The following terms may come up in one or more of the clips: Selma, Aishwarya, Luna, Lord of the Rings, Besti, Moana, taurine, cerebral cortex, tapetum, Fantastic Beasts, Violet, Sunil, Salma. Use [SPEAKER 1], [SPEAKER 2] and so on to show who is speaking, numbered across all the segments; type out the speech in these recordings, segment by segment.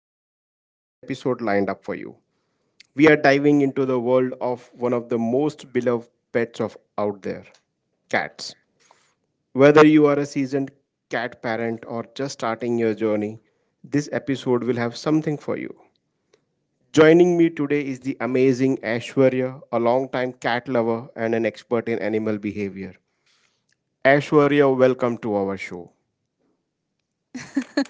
[SPEAKER 1] have a very special episode lined up for you. We are diving into the world of one of the most beloved pets of out there cats. Whether you are a seasoned cat parent or just starting your journey, this episode will have something for you. Joining me today is the amazing Ashwarya, a longtime cat lover and an expert in animal behavior. Ashwarya, welcome to our show.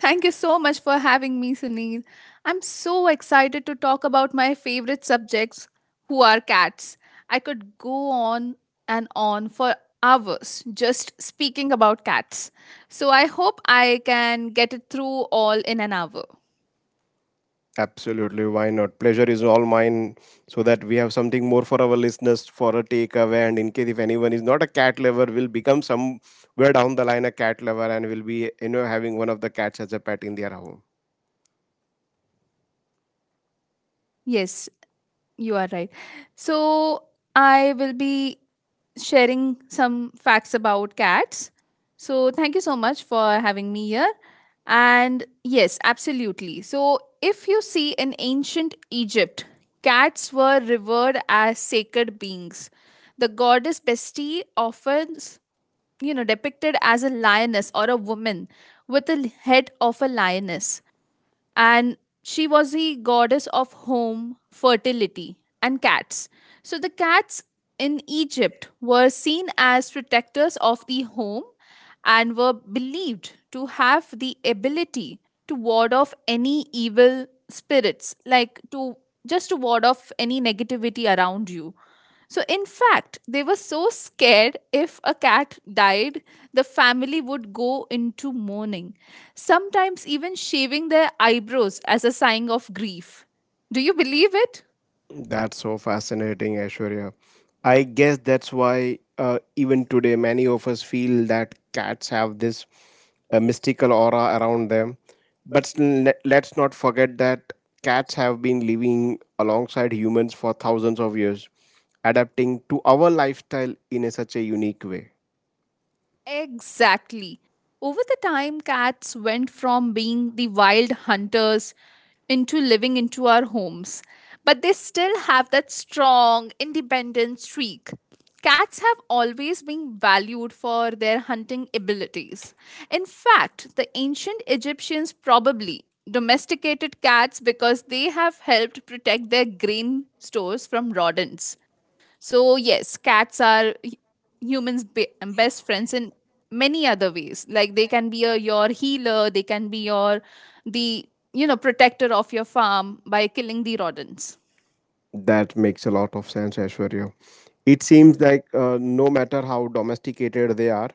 [SPEAKER 2] Thank you so much for having me, Sunil. I'm so excited to talk about my favorite subjects, who are cats. I could go on and on for hours just speaking about cats. So I hope I can get it through all in an hour.
[SPEAKER 1] Absolutely, why not? Pleasure is all mine, so that we have something more for our listeners for a takeaway. And in case if anyone is not a cat lover, will become somewhere down the line a cat lover and will be having one of the cats as a pet in their home.
[SPEAKER 2] Yes, you are right. So I will be sharing some facts about cats. So, thank you so much for having me here. And yes, absolutely. So, if you see in ancient Egypt, cats were revered as sacred beings. The goddess Besti often, depicted as a lioness or a woman with the head of a lioness and she was the goddess of home, fertility, and cats. So the cats in Egypt were seen as protectors of the home and were believed to have the ability to ward off any evil spirits, like to just to ward off any negativity around you. So, in fact, they were so scared if a cat died, the family would go into mourning, sometimes even shaving their eyebrows as a sign of grief. Do you believe it?
[SPEAKER 1] That's so fascinating, Aishwarya. I guess that's why even today many of us feel that cats have this mystical aura around them. But still, let's not forget that cats have been living alongside humans for thousands of years, adapting to our lifestyle in a, such a unique way.
[SPEAKER 2] Exactly. Over the time, cats went from being the wild hunters into living into our homes. But they still have that strong, independent streak. Cats have always been valued for their hunting abilities. In fact, the ancient Egyptians probably domesticated cats because they have helped protect their grain stores from rodents. So, yes, cats are humans' best friends in many other ways. Like they can be a, your healer, they can be your the protector of your farm by killing the rodents.
[SPEAKER 1] That makes a lot of sense, Ashwarya. It seems like no matter how domesticated they are,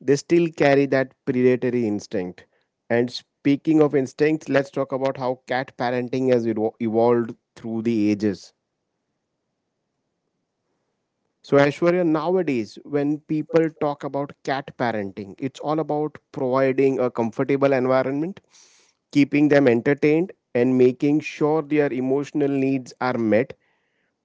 [SPEAKER 1] they still carry that predatory instinct. And speaking of instincts, let's talk about how cat parenting has evolved through the ages. So, Aishwarya, nowadays, when people talk about cat parenting, it's all about providing a comfortable environment, keeping them entertained, and making sure their emotional needs are met.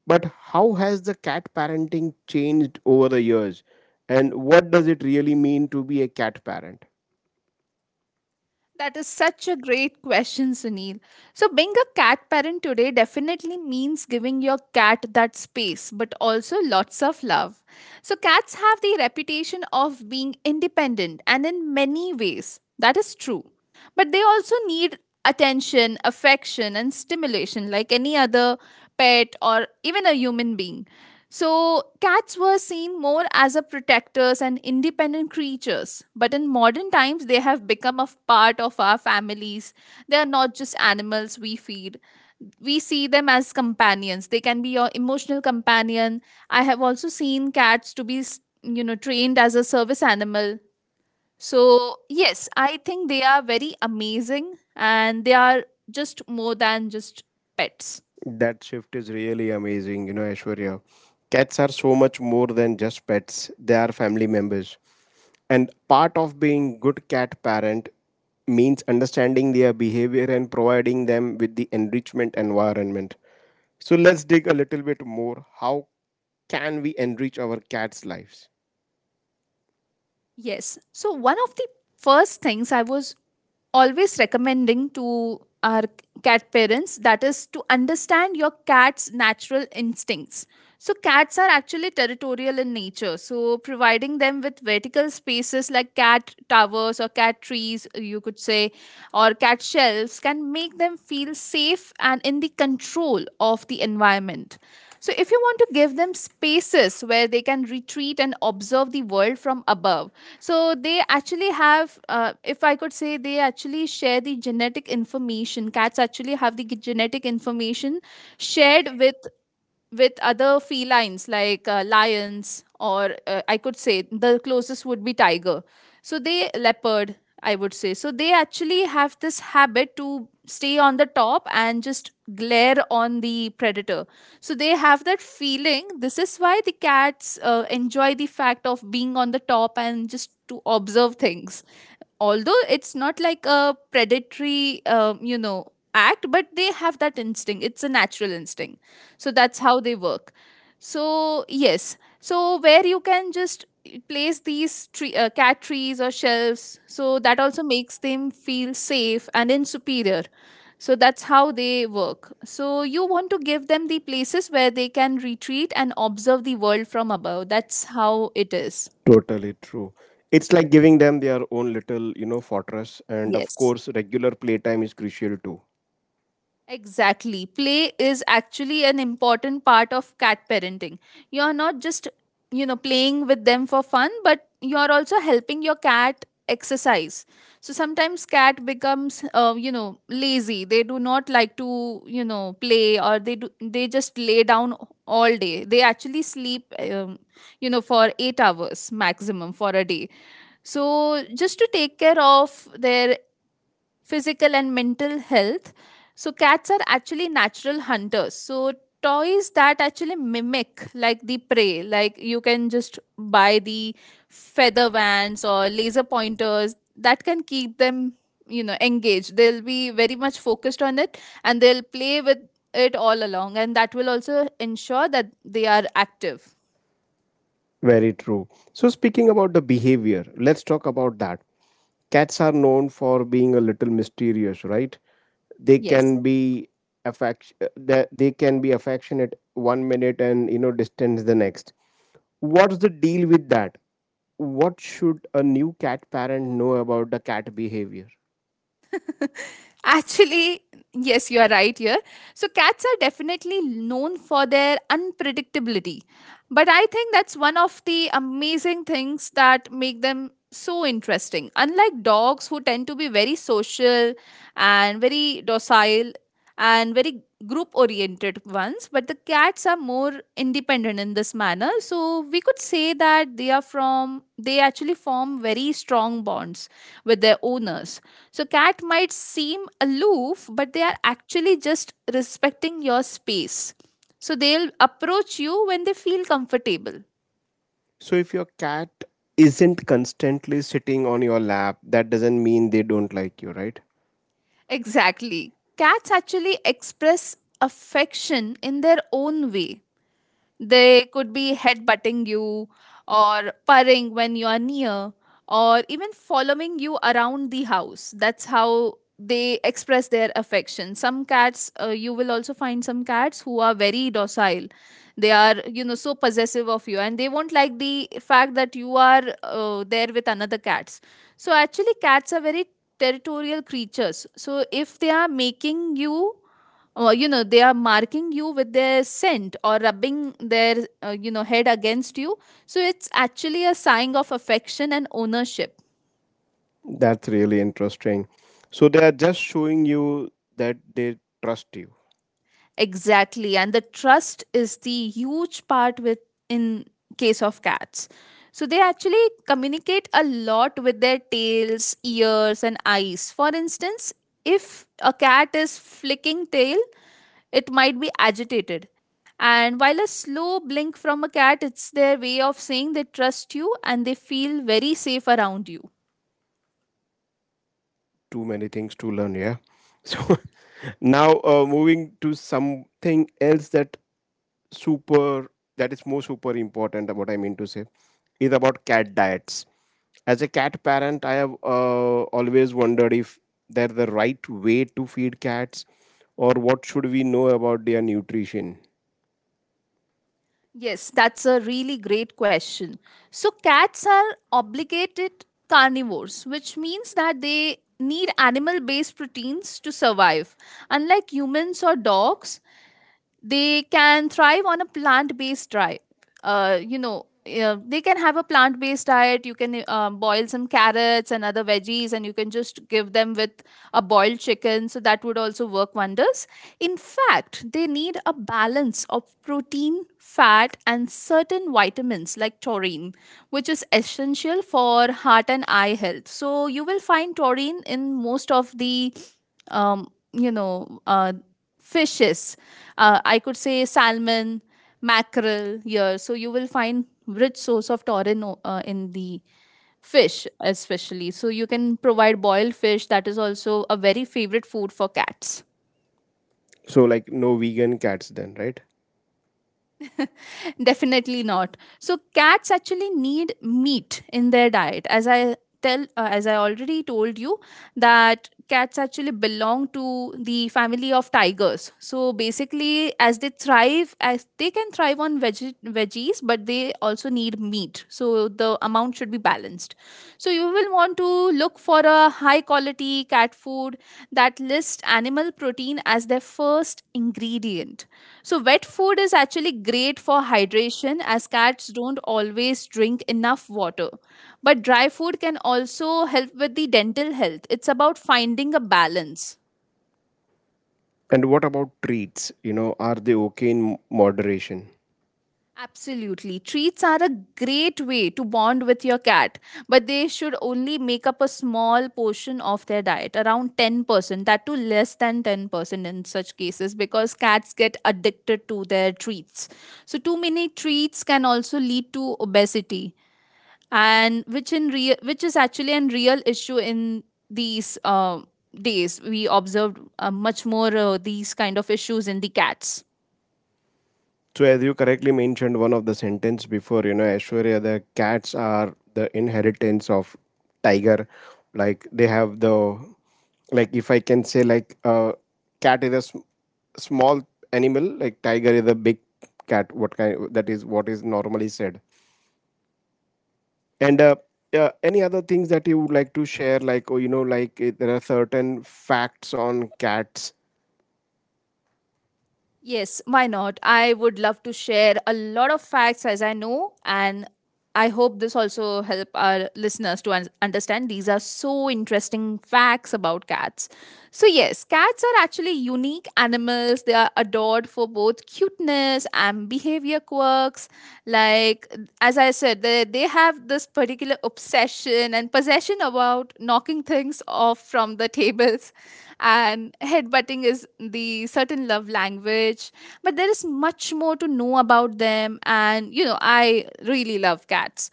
[SPEAKER 1] But how has the cat parenting changed over the years? And what does it really mean to be a cat parent?
[SPEAKER 2] That is such a great question, Sunil. So, being a cat parent today definitely means giving your cat that space, but also lots of love. So, cats have the reputation of being independent, and in many ways, that is true. But they also need attention, affection, and stimulation like any other pet or even a human being. So, cats were seen more as a protectors and independent creatures, but in modern times they have become a part of our families. They are not just animals we feed. We see them as companions. They can be your emotional companion. I have also seen cats to be, trained as a service animal. So, yes, I think they are very amazing and they are just more than just pets.
[SPEAKER 1] That shift is really amazing, Aishwarya. Cats are so much more than just pets, they are family members. And part of being good cat parent means understanding their behavior and providing them with the enrichment environment. So let's dig a little bit more. How can we enrich our cats' lives?
[SPEAKER 2] Yes. So, one of the first things I was always recommending to our cat parents that is to understand your cat's natural instincts, so cats are actually territorial in nature, so providing them with vertical spaces like cat towers or cat trees you could say, or cat shelves can make them feel safe and in the control of the environment. So if you want to give them spaces where they can retreat and observe the world from above, so they actually have, if I could say, they actually share the genetic information. Cats actually have the genetic information shared with other felines like lions or I could say the closest would be tiger, so they leopard I would say. So they actually have this habit to stay on the top and just glare on the predator, so they have that feeling. This is why the cats enjoy the fact of being on the top and just to observe things, although it's not like a predatory act, but they have that instinct. It's a natural instinct, so that's how they work. So yes, so where you can just place these tree, cat trees or shelves, so that also makes them feel safe and in superior. So that's how they work. So you want to give them the places where they can retreat and observe the world from above. That's how it is.
[SPEAKER 1] Totally true. It's like giving them their own little, fortress. And of
[SPEAKER 2] Yes.
[SPEAKER 1] course, regular playtime is crucial too.
[SPEAKER 2] Exactly. Play is actually an important part of cat parenting. You're not just, playing with them for fun, but you're also helping your cat exercise. So sometimes cat becomes lazy. They do not like to, play, or they do they just lay down all day. They actually sleep for 8 hours maximum for a day. So just to take care of their physical and mental health. So cats are actually natural hunters. So toys that actually mimic like the prey, like you can just buy the feather vans or laser pointers that can keep them, engaged. They'll be very much focused on it and they'll play with it all along, and that will also ensure that they are active.
[SPEAKER 1] Very true. So, speaking about the behavior, let's talk about that. Cats are known for being a little mysterious, right? They
[SPEAKER 2] Yes.
[SPEAKER 1] can be affectionate one minute and distant the next. What's the deal with that? What should a new cat parent know about the cat behavior?
[SPEAKER 2] Actually, yes, you are right here. So, cats are definitely known for their unpredictability. But I think that's one of the amazing things that make them so interesting. Unlike dogs, who tend to be very social and very docile and very group oriented ones, but the cats are more independent in this manner. So, we could say that they are from, they actually form very strong bonds with their owners. So, cat might seem aloof, but they are actually just respecting your space. So, they'll approach you when they feel comfortable.
[SPEAKER 1] So, if your cat isn't constantly sitting on your lap, that doesn't mean they don't like you, right?
[SPEAKER 2] Exactly. Cats actually express affection in their own way. They could be headbutting you or purring when you are near or even following you around the house. That's how they express their affection. Some cats, you will also find some cats who are very docile. They are, so possessive of you, and they won't like the fact that you are there with another cats. So actually, cats are very territorial creatures. So if they are making you you know they are marking you with their scent or rubbing their head against you, so it's actually a sign of affection and ownership.
[SPEAKER 1] That's really interesting. So they are just showing you that they trust you.
[SPEAKER 2] Exactly, and the trust is the huge part with in case of cats. So they actually communicate a lot with their tails, ears, and eyes. For instance, if a cat is flicking tail, it might be agitated. And while a slow blink from a cat, it's their way of saying they trust you and they feel very safe around you.
[SPEAKER 1] Too many things to learn, yeah. So now moving to something else super that is more super important. What I mean to say is about cat diets. As a cat parent, I have always wondered if they're the right way to feed cats, or what should we know about their nutrition.
[SPEAKER 2] Yes, that's a really great question. So, cats are obligated carnivores, which means that they need animal based proteins to survive. Unlike humans or dogs, they can thrive on a plant-based diet. They can have a plant-based diet. You can boil some carrots and other veggies, and you can just give them with a boiled chicken. So that would also work wonders. In fact, they need a balance of protein, fat, and certain vitamins like taurine, which is essential for heart and eye health. So you will find taurine in most of the, um, you know, uh, fishes i could say salmon, mackerel here. So you will find rich source of in the fish, especially. So you can provide boiled fish. That is also a very favorite food for cats.
[SPEAKER 1] So like no vegan cats then, right?
[SPEAKER 2] Definitely not. So cats actually need meat in their diet. As I tell, as I already told you, that cats actually belong to the family of tigers. So basically, as they thrive, as they can thrive on veggies, but they also need meat. So the amount should be balanced. So you will want to look for a high quality cat food that lists animal protein as their first ingredient. So, wet food is actually great for hydration as cats don't always drink enough water. But dry food can also help with the dental health. It's about finding a balance.
[SPEAKER 1] And what about treats? Are they okay in moderation?
[SPEAKER 2] Absolutely. Treats are a great way to bond with your cat, but they should only make up a small portion of their diet, around 10%, that too less than 10% in such cases, because cats get addicted to their treats. So, too many treats can also lead to obesity, and which in real which is actually a real issue in these days. We observed much more these kind of issues in the cats.
[SPEAKER 1] So, as you correctly mentioned, one of the sentence before, Aishwarya, the cats are the inheritance of tiger. Like they have the, like if I can say, like a cat is a small animal, like tiger is a big cat. What kind? That is what is normally said. And any other things that you would like to share? Like, oh, like there are certain facts on cats.
[SPEAKER 2] Yes, why not? I would love to share a lot of facts as I know, and I hope this also help our listeners to understand these are so interesting facts about cats. So yes, cats are actually unique animals. They are adored for both cuteness and behavior quirks. Like as I said, they have this particular obsession and possession about knocking things off from the tables, and headbutting is the certain love language, but there is much more to know about them. And I really love cats.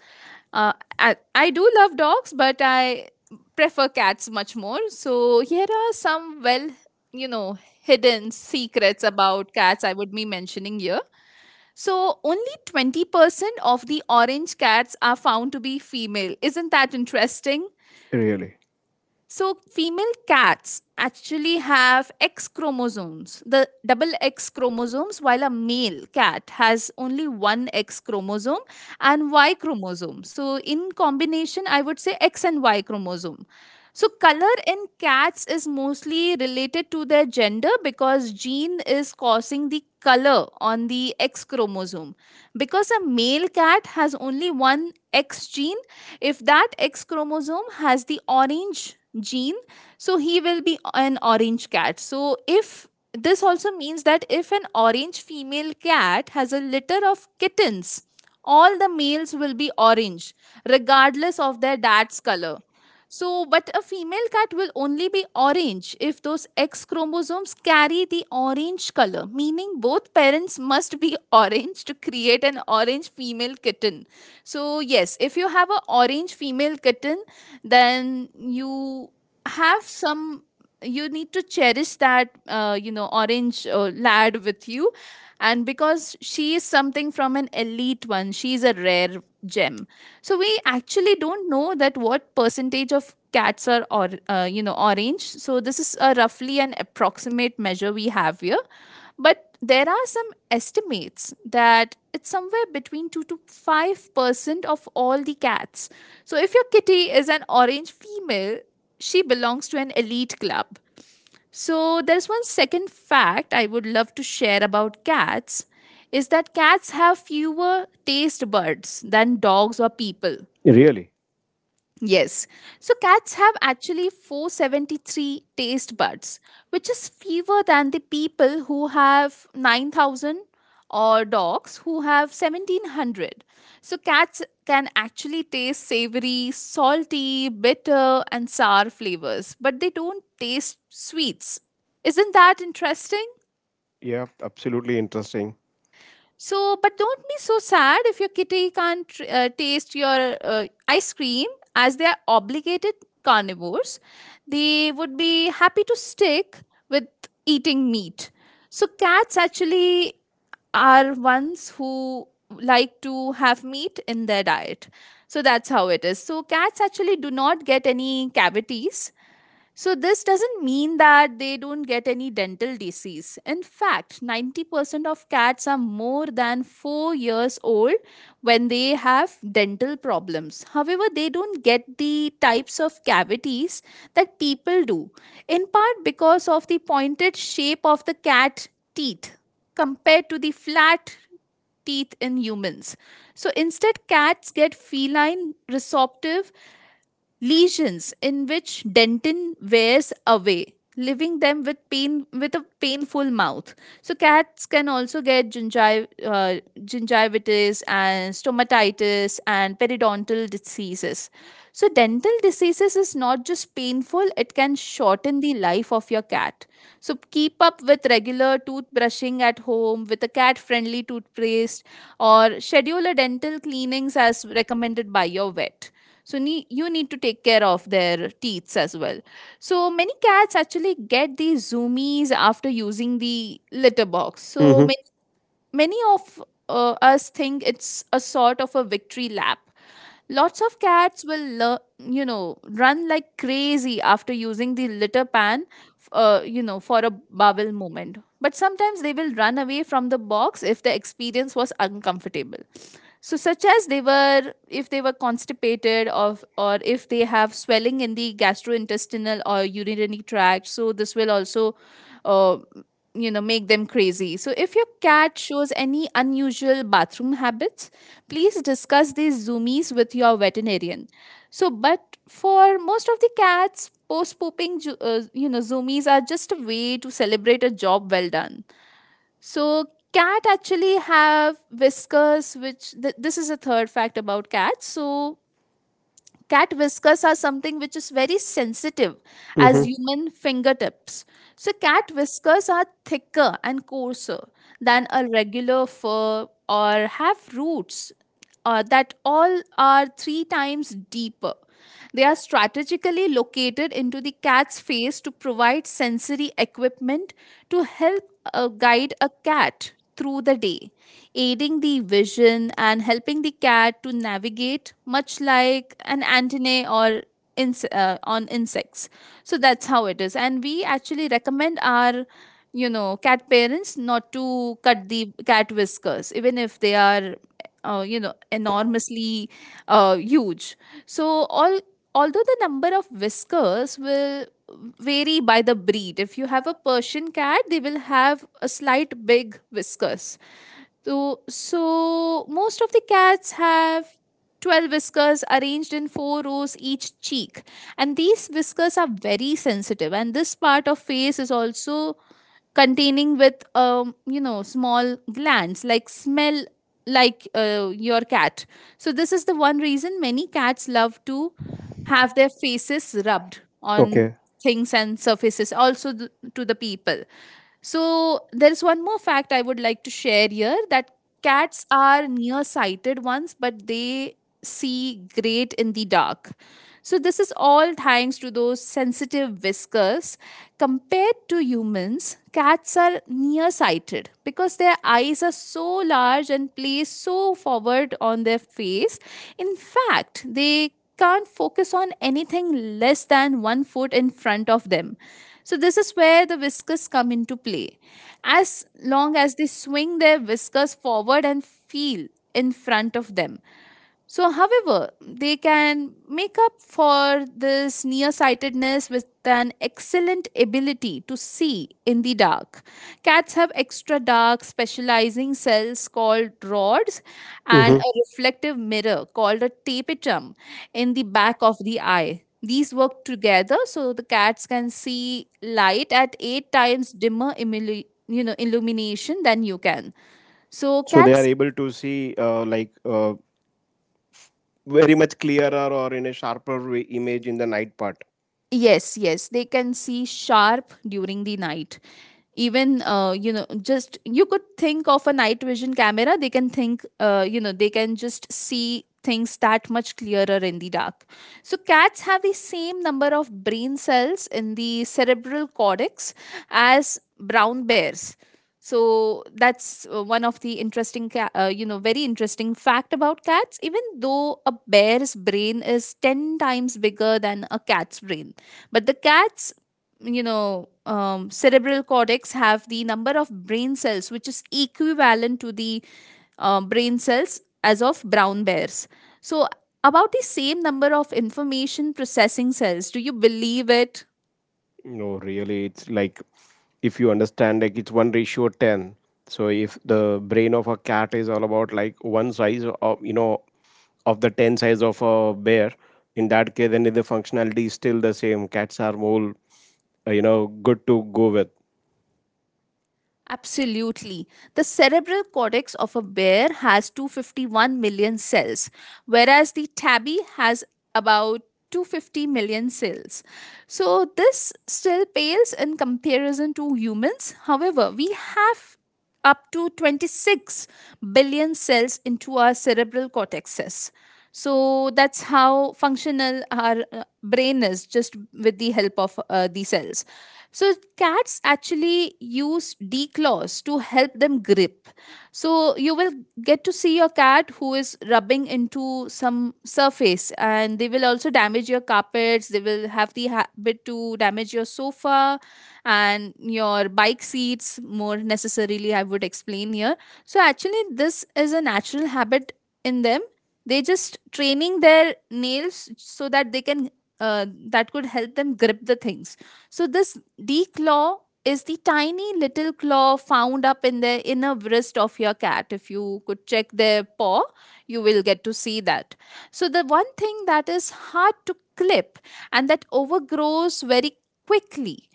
[SPEAKER 2] uh, I do love dogs, but I prefer cats much more. So here are some, well, hidden secrets about cats I would be mentioning here. So only 20% of the orange cats are found to be female. Isn't that interesting?
[SPEAKER 1] Really,
[SPEAKER 2] So female cats actually have X chromosomes, the double X chromosomes, while a male cat has only one X chromosome and Y chromosome. So, in combination, I would say X and Y chromosome. So color in cats is mostly related to their gender, because gene is causing the color on the X chromosome. Because a male cat has only one X gene, if that X chromosome has the orange gene, so he will be an orange cat. So if this also means that if an orange female cat has a litter of kittens, all the males will be orange, regardless of their dad's color. So, but a female cat will only be orange if those X chromosomes carry the orange color, meaning both parents must be orange to create an orange female kitten. So, yes, if you have an orange female kitten, then you have some, you need to cherish that, orange lad with you. And because she is something from an elite one, she is a rare gem. So we actually don't know that what percentage of cats are or orange. So this is a roughly an approximate measure we have here, but there are some estimates that it's somewhere between 2 to 5% of all the cats. So if your kitty is an orange female, she belongs to an elite club. So there's one second fact I would love to share about cats is that cats have fewer taste buds than dogs or people.
[SPEAKER 1] really.
[SPEAKER 2] Yes. So cats have actually 473 taste buds, which is fewer than the people who have 9,000 or dogs who have 1700. So cats can actually taste savory, salty, bitter, and sour flavors, but they don't taste sweets. Isn't that interesting?
[SPEAKER 1] Yeah, absolutely interesting.
[SPEAKER 2] So, but don't be so sad if your kitty can't taste your ice cream, as they are obligated carnivores. They would be happy to stick with eating meat. So cats actually are ones who like to have meat in their diet. So that's how it is. So cats actually do not get any cavities. So this doesn't mean that they don't get any dental disease. In fact, 90% of cats are more than 4 years old when they have dental problems. However, they don't get the types of cavities that people do, in part because of the pointed shape of the cat teeth compared to the flat teeth in humans. So, instead, cats get feline resorptive lesions in which dentin wears away, leaving them with pain, with a painful mouth. So cats can also get gingivitis and stomatitis and periodontal diseases. So dental diseases is not just painful, it can shorten the life of your cat. So keep up with regular toothbrushing at home with a cat friendly toothpaste, or schedule a dental cleanings as recommended by your vet. So you need to take care of their teeth as well. So many cats actually get these zoomies after using the litter box. So
[SPEAKER 1] Mm-hmm.
[SPEAKER 2] many of us think it's a sort of a victory lap. Lots of cats will run like crazy after using the litter pan for a bowel moment, but sometimes they will run away from the box if the experience was uncomfortable. So such as they were, if they were constipated of, or if they have swelling in the gastrointestinal or urinary tract. So this will also uh, make them crazy. So if your cat shows any unusual bathroom habits, please discuss these zoomies with your veterinarian. So but for most of the cats, post pooping zoomies are just a way to celebrate a job well done. So cat actually have whiskers, this is a third fact about cats. So cat whiskers are something which is very sensitive
[SPEAKER 1] Mm-hmm.
[SPEAKER 2] as human fingertips. So cat whiskers are thicker and coarser than a regular fur, or have roots that all are 3 times deeper. They are strategically located into the cat's face to provide sensory equipment to help guide a cat through the day, aiding the vision and helping the cat to navigate, much like an antennae or on insects. So that's how it is. And we actually recommend our cat parents not to cut the cat whiskers even if they are enormously huge. So all, although the number of whiskers will vary by the breed. If you have a persian cat, they will have a slight big whiskers. So most of the cats have 12 whiskers arranged in four rows each cheek. And these whiskers are very sensitive, and this part of face is also containing with small glands like smell like your cat. So this is the one reason many cats love to have their faces rubbed on
[SPEAKER 1] Okay.
[SPEAKER 2] things and surfaces, also to the people. So there is one more fact I would like to share here, that cats are nearsighted ones, but they see great in the dark. So this is all thanks to those sensitive whiskers. Compared to humans, cats are nearsighted because their eyes are so large and placed so forward on their face. In fact, they can't focus on anything less than 1 foot in front of them. So this is where the whiskers come into play. As long as they swing their whiskers forward and feel in front of them. So, however, they can make up for this nearsightedness with an excellent ability to see in the dark. Cats have extra dark specializing cells called rods, and
[SPEAKER 1] Mm-hmm.
[SPEAKER 2] a reflective mirror called a tapetum in the back of the eye. These work together so the cats can see light at 8 times dimmer illumination than you can. So
[SPEAKER 1] So they are
[SPEAKER 2] cats.
[SPEAKER 1] able to see like very much clearer or in a sharper way image in the night part.
[SPEAKER 2] Yes, yes, they can see sharp during the night, even just you could think of a night vision camera. They can think they can just see things that much clearer in the dark. So cats have the same number of brain cells in the cerebral cortex as brown bears. So that's one of the interesting very interesting fact about cats. Even though a bear's brain is 10 times bigger than a cat's brain, but the cat's cerebral cortex have the number of brain cells which is equivalent to the brain cells as of brown bears. So about the same number of information processing cells. Do you believe it?
[SPEAKER 1] No, really, it's like if you understand, like it's one ratio ten. So if the brain of a cat is all about like one size of the ten size of a bear, in that case, then the functionality is still the same. Cats are more good to go with.
[SPEAKER 2] Absolutely. The cerebral cortex of a bear has 251 million cells, whereas the tabby has about 250 million cells. So this still pales in comparison to humans. However, we have up to 26 billion cells into our cerebral cortexes. So that's how functional our brain is, just with the help of the cells. So cats actually use declaws to help them grip. So you will get to see your cat who is rubbing into some surface, and they will also damage your carpets. They will have the habit to damage your sofa and your bike seats, more necessarily I would explain here. So actually this is a natural habit in them. They just training their nails so that they can that could help them grip the things. So this D claw is the tiny little claw found up in the inner wrist of your cat. If you could check their paw, you will get to see that. So the one thing that is hard to clip, and that overgrows very quickly.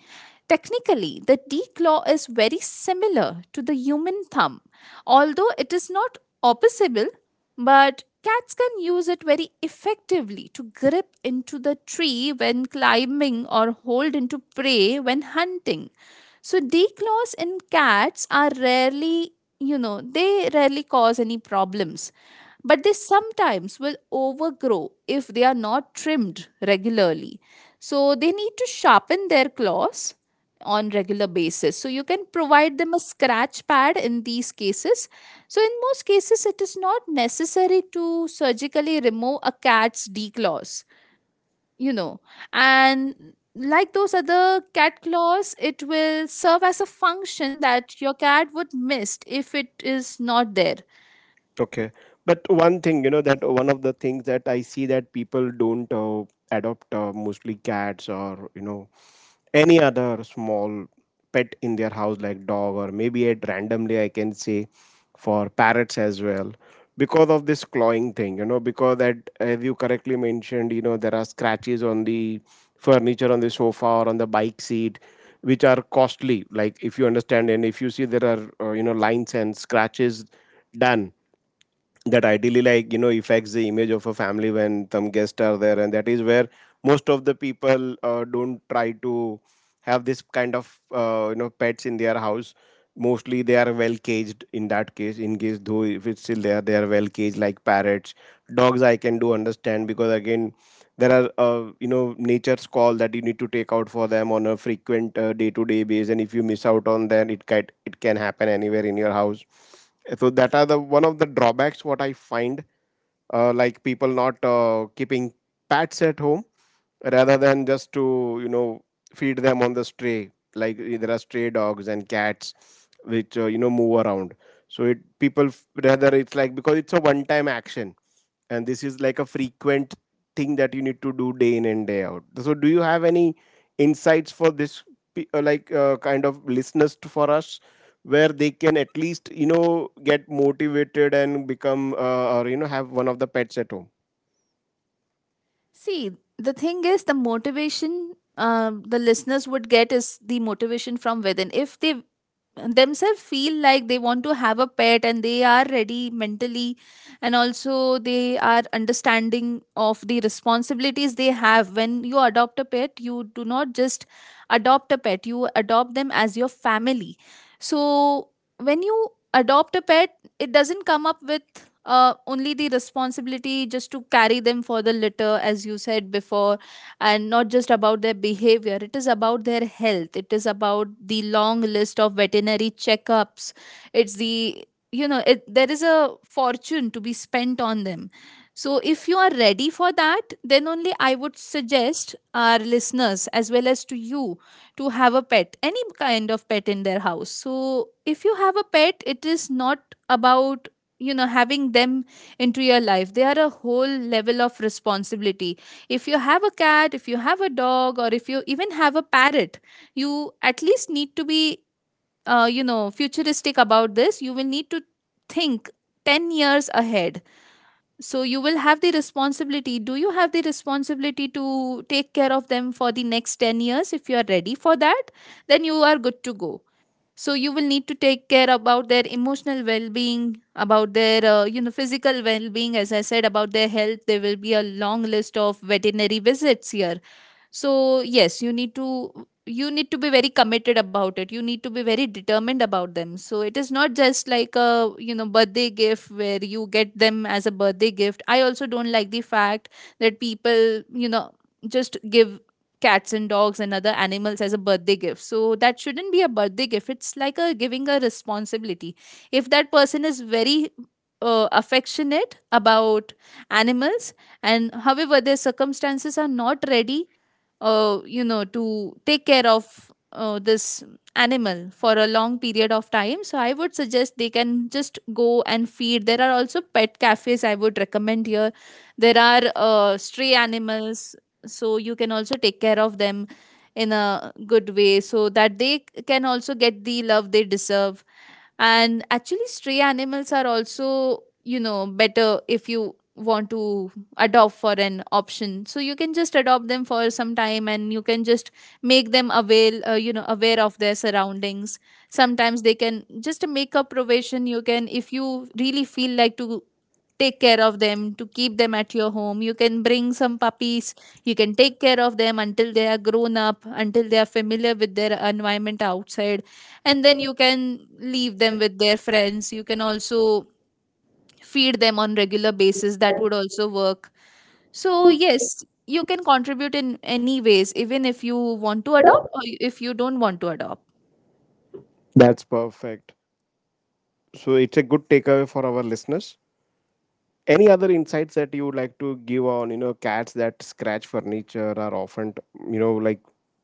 [SPEAKER 2] Technically, the D claw is very similar to the human thumb, although it is not opposable, but cats can use it very effectively to grip into the tree when climbing, or hold into prey when hunting. So D claws in cats are rarely, they rarely cause any problems, but they sometimes will overgrow if they are not trimmed regularly. So they need to sharpen their claws on regular basis, so you can provide them a scratch pad in these cases. So in most cases it is not necessary to surgically remove a cat's declaws, you know and like those other cat claws, it will serve as a function that your cat would miss if it is not there.
[SPEAKER 1] Okay, but one thing that one of the things that I see that people don't adopt mostly cats or any other small pet in their house, like dog, or maybe at randomly I can say for parrots as well, because of this clawing thing, because that, as you correctly mentioned, there are scratches on the furniture, on the sofa, or on the bike seat, which are costly. Like if you understand and if you see, there are lines and scratches done that ideally, like, affects the image of a family when some guests are there, and that is where most of the people don't try to have this kind of pets in their house. Mostly they are well caged in that case, in case though if it's still there they are well caged, like parrots. Dogs, I can do understand, because again there are nature's call that you need to take out for them on a frequent day to day basis, and if you miss out on that, it can happen anywhere in your house. So that are the one of the drawbacks what I find, like people not keeping pets at home, rather than just to feed them on the stray. Like there are stray dogs and cats which move around. So it people rather it's like, because it's a one time action and this is like a frequent thing that you need to do day in and day out. So do you have any insights for this like kind of listeners for us, where they can at least get motivated and become or have one of the pets at home?
[SPEAKER 2] See, the thing is, the motivation, the listeners would get is the motivation from within. If they themselves feel like they want to have a pet and they are ready mentally, and also they are understanding of the responsibilities they have. When you adopt a pet, you do not just adopt a pet, you adopt them as your family. So when you adopt a pet, it doesn't come up with only the responsibility just to carry them for the litter, as you said before, and not just about their behavior. It is about their health, it is about the long list of veterinary checkups. It's the there is a fortune to be spent on them. So if you are ready for that, then only I would suggest our listeners as well as to you, to have a pet, any kind of pet in their house. So if you have a pet, it is not about, you know, having them into your life. They are a whole level of responsibility. If you have a cat, if you have a dog, or if you even have a parrot, you at least need to be you know, futuristic about this. You will need to think 10 years ahead. So you will have the responsibility, do you have the responsibility to take care of them for the next 10 years? If you are ready for that, then you are good to go. So you will need to take care about their emotional well-being, about their you know, physical well-being, as I said, about their health. There will be a long list of veterinary visits here. So yes, you need to be very committed about it, you need to be very determined about them. So it is not just like a, you know, birthday gift, where you get them as a birthday gift. I also don't like the fact that people, you know, just give cats and dogs and other animals as a birthday gift. So that shouldn't be a birthday gift, it's like a giving a responsibility. If that person is very affectionate about animals, and however their circumstances are not ready you know, to take care of this animal for a long period of time, so I would suggest they can just go and feed. There are also pet cafes I would recommend here. There are stray animals, so you can also take care of them in a good way, so that they can also get the love they deserve. And actually, stray animals are also, you know, better. If you want to adopt for an option, so you can just adopt them for some time, and you can just make them aware, you know, aware of their surroundings. Sometimes they can just to make a provision. You can, if you really feel like to take care of them, to keep them at your home, you can bring some puppies. You can take care of them until they are grown up, until they are familiar with their environment outside, and then you can leave them with their friends. You can also feed them on regular basis, that would also work. So yes, you can contribute in any ways, even if you want to adopt or if you don't want to adopt.
[SPEAKER 1] That's perfect. So it's a good takeaway for our listeners. Any other insights that you would like to give on, cats that scratch furniture are often, like,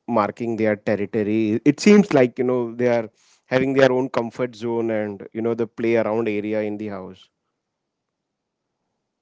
[SPEAKER 1] marking their territory? It seems like they are having their own comfort zone and the play around area in the house.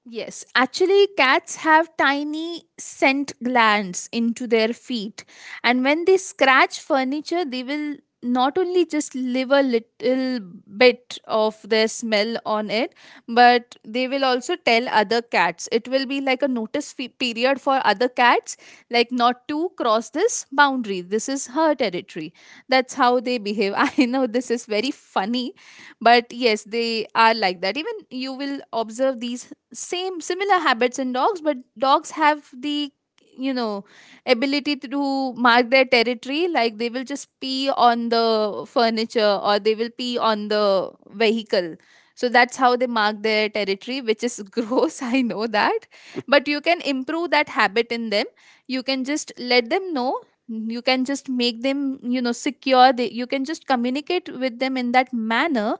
[SPEAKER 2] Yes, actually, cats have tiny scent glands into their feet, and when they scratch furniture, they will not only just leave a little bit of their smell on it, but they will also tell other cats. It will be like a notice period for other cats, like not to cross this boundary. This is her territory. That's how they behave. I know this is very funny, but yes, they are like that. Even you will observe these same similar habits in dogs, but dogs have the, you know, ability to mark their territory. Like they will just pee on the furniture, or they will pee on the vehicle. So that's how they mark their territory, which is gross, I know that, but you can improve that habit in them. You can just let them know, you can just make them, you know, secure. You can just communicate with them in that manner,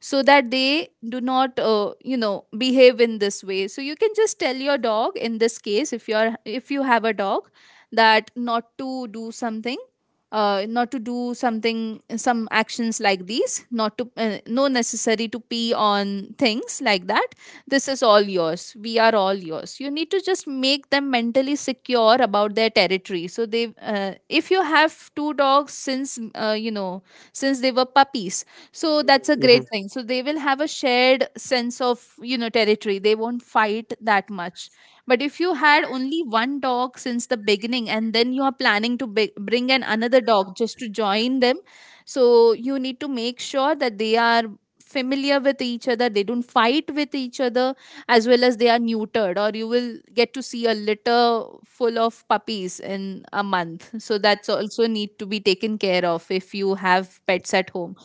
[SPEAKER 2] so that they do not, you know, behave in this way. So you can just tell your dog, in this case, if you are, if you have a dog, that not to do something, not to do something, some actions like these, not to, no necessary to pee on things like that. This is all yours, we are all yours. You need to just make them mentally secure about their territory. So they, if you have two dogs since, you know, since they were puppies, so
[SPEAKER 1] Hmm.
[SPEAKER 2] that's a great thing. So they will have a shared sense of, you know, territory, they won't fight that much. But if you had only one dog since the beginning, and then you are planning to bring an another dog just to join them, so you need to make sure that they are familiar with each other, they don't fight with each other, as well as they are neutered, or you will get to see a litter full of puppies in a month. So that's also need to be taken care of if you have pets at home.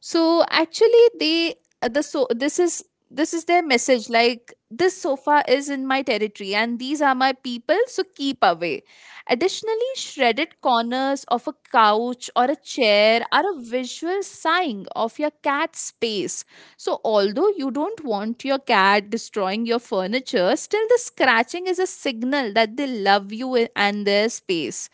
[SPEAKER 2] So actually, they, the so this is their message, like this sofa is in my territory and these are my people, so keep away. Additionally, shredded corners of a couch or a chair are a visual sign of your cat's space. So although you don't want your cat destroying your furniture, still the scratching is a signal that they love you and their space.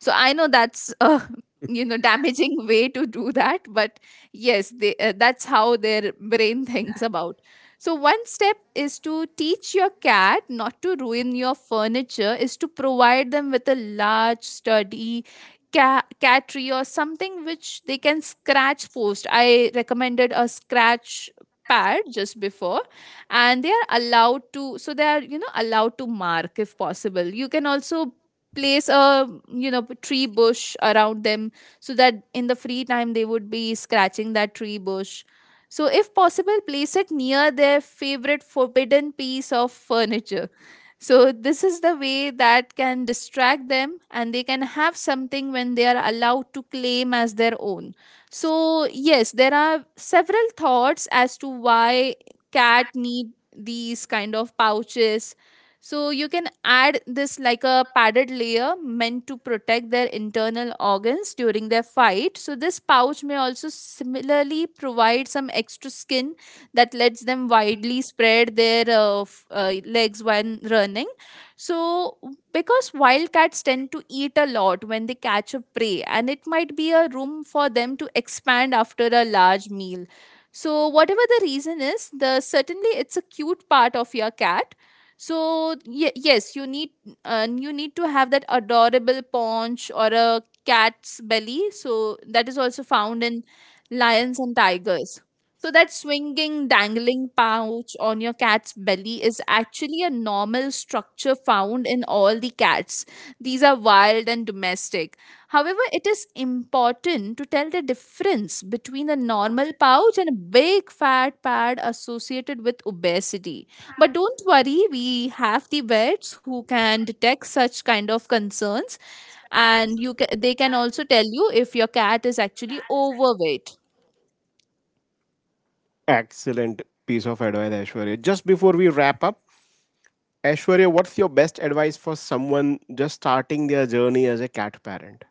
[SPEAKER 2] So I know that's a you know, damaging way to do that, but yes, that's how their brain thinks about. So one step is to teach your cat not to ruin your furniture, is to provide them with a large sturdy cat tree or something which they can scratch post. I recommended a scratch pad just before, and they are allowed to, so they are, you know, allowed to mark. If possible, you can also place a, you know, tree bush around them, so that in the free time they would be scratching that tree bush. So if possible, place it near their favorite forbidden piece of furniture. So this is the way that can distract them, and they can have something when they are allowed to claim as their own. So yes, there are several thoughts as to why cat need these kind of pouches. So you can add this like a padded layer meant to protect their internal organs during their fight. So this pouch may also similarly provide some extra skin that lets them widely spread their legs when running. So because wildcats tend to eat a lot when they catch a prey, and it might be a room for them to expand after a large meal. So whatever the reason is, the certainly it's a cute part of your cat. So yes, you need, you need to have that adorable paunch or a cat's belly. So that is also found in lions and tigers. So that swinging dangling pouch on your cat's belly is actually a normal structure found in all the cats, these are wild and domestic. However, it is important to tell the difference between a normal pouch and a big fat pad associated with obesity. But don't worry, we have the vets who can detect such kind of concerns, and you they can also tell you if your cat is actually overweight.
[SPEAKER 1] Excellent piece of advice, Ashwarya. Just before we wrap up, Ashwarya, what's your best advice for someone just starting their journey as a cat parent?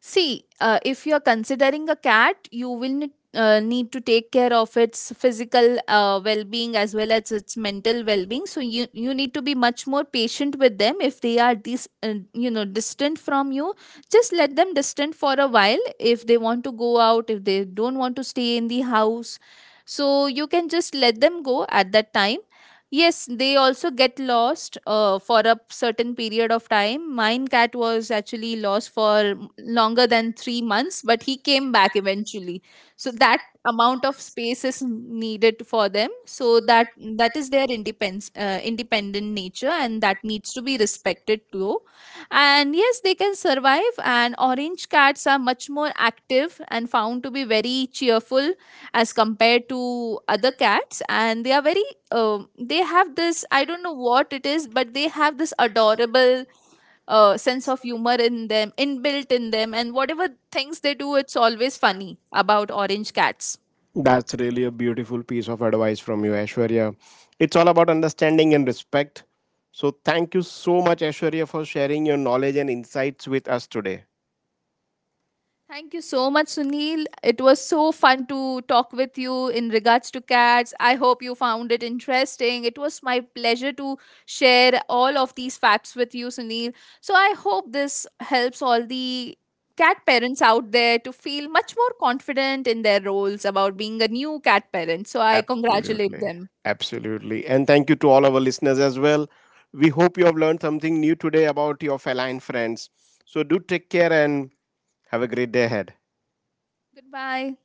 [SPEAKER 2] See, if you're considering a cat, you will need to take care of its physical well being, as well as its mental well being. So, you need to be much more patient with them. If they are this, you know, distant from you, just let them distant for a while. If they want to go out, if they don't want to stay in the house, so you can just let them go at that time. Yes, they also get lost for a certain period of time. Mine cat was actually lost for longer than 3 months, but he came back eventually. So that amount of space is needed for them. So that is their independence, independent nature, and that needs to be respected too. And yes, they can survive. And orange cats are much more active and found to be very cheerful as compared to other cats. And they are very, um, they have this, I don't know what it is, but they have this adorable sense of humor in them, inbuilt in them, and whatever things they do, it's always funny about orange cats.
[SPEAKER 1] That's really a beautiful piece of advice from you, Ashwarya. It's all about understanding and respect. So, thank you so much, Ashwarya, for sharing your knowledge and insights with us today.
[SPEAKER 2] Thank you so much, Sunil. It was so fun to talk with you in regards to cats. I hope you found it interesting. It was my pleasure to share all of these facts with you, Sunil. So I hope this helps all the cat parents out there to feel much more confident in their roles about being a new cat parent. So I congratulate
[SPEAKER 1] Absolutely.
[SPEAKER 2] them.
[SPEAKER 1] Absolutely. And thank you to all our listeners as well. We hope you have learned something new today about your feline friends. So, do take care and have a great day ahead.
[SPEAKER 2] Goodbye.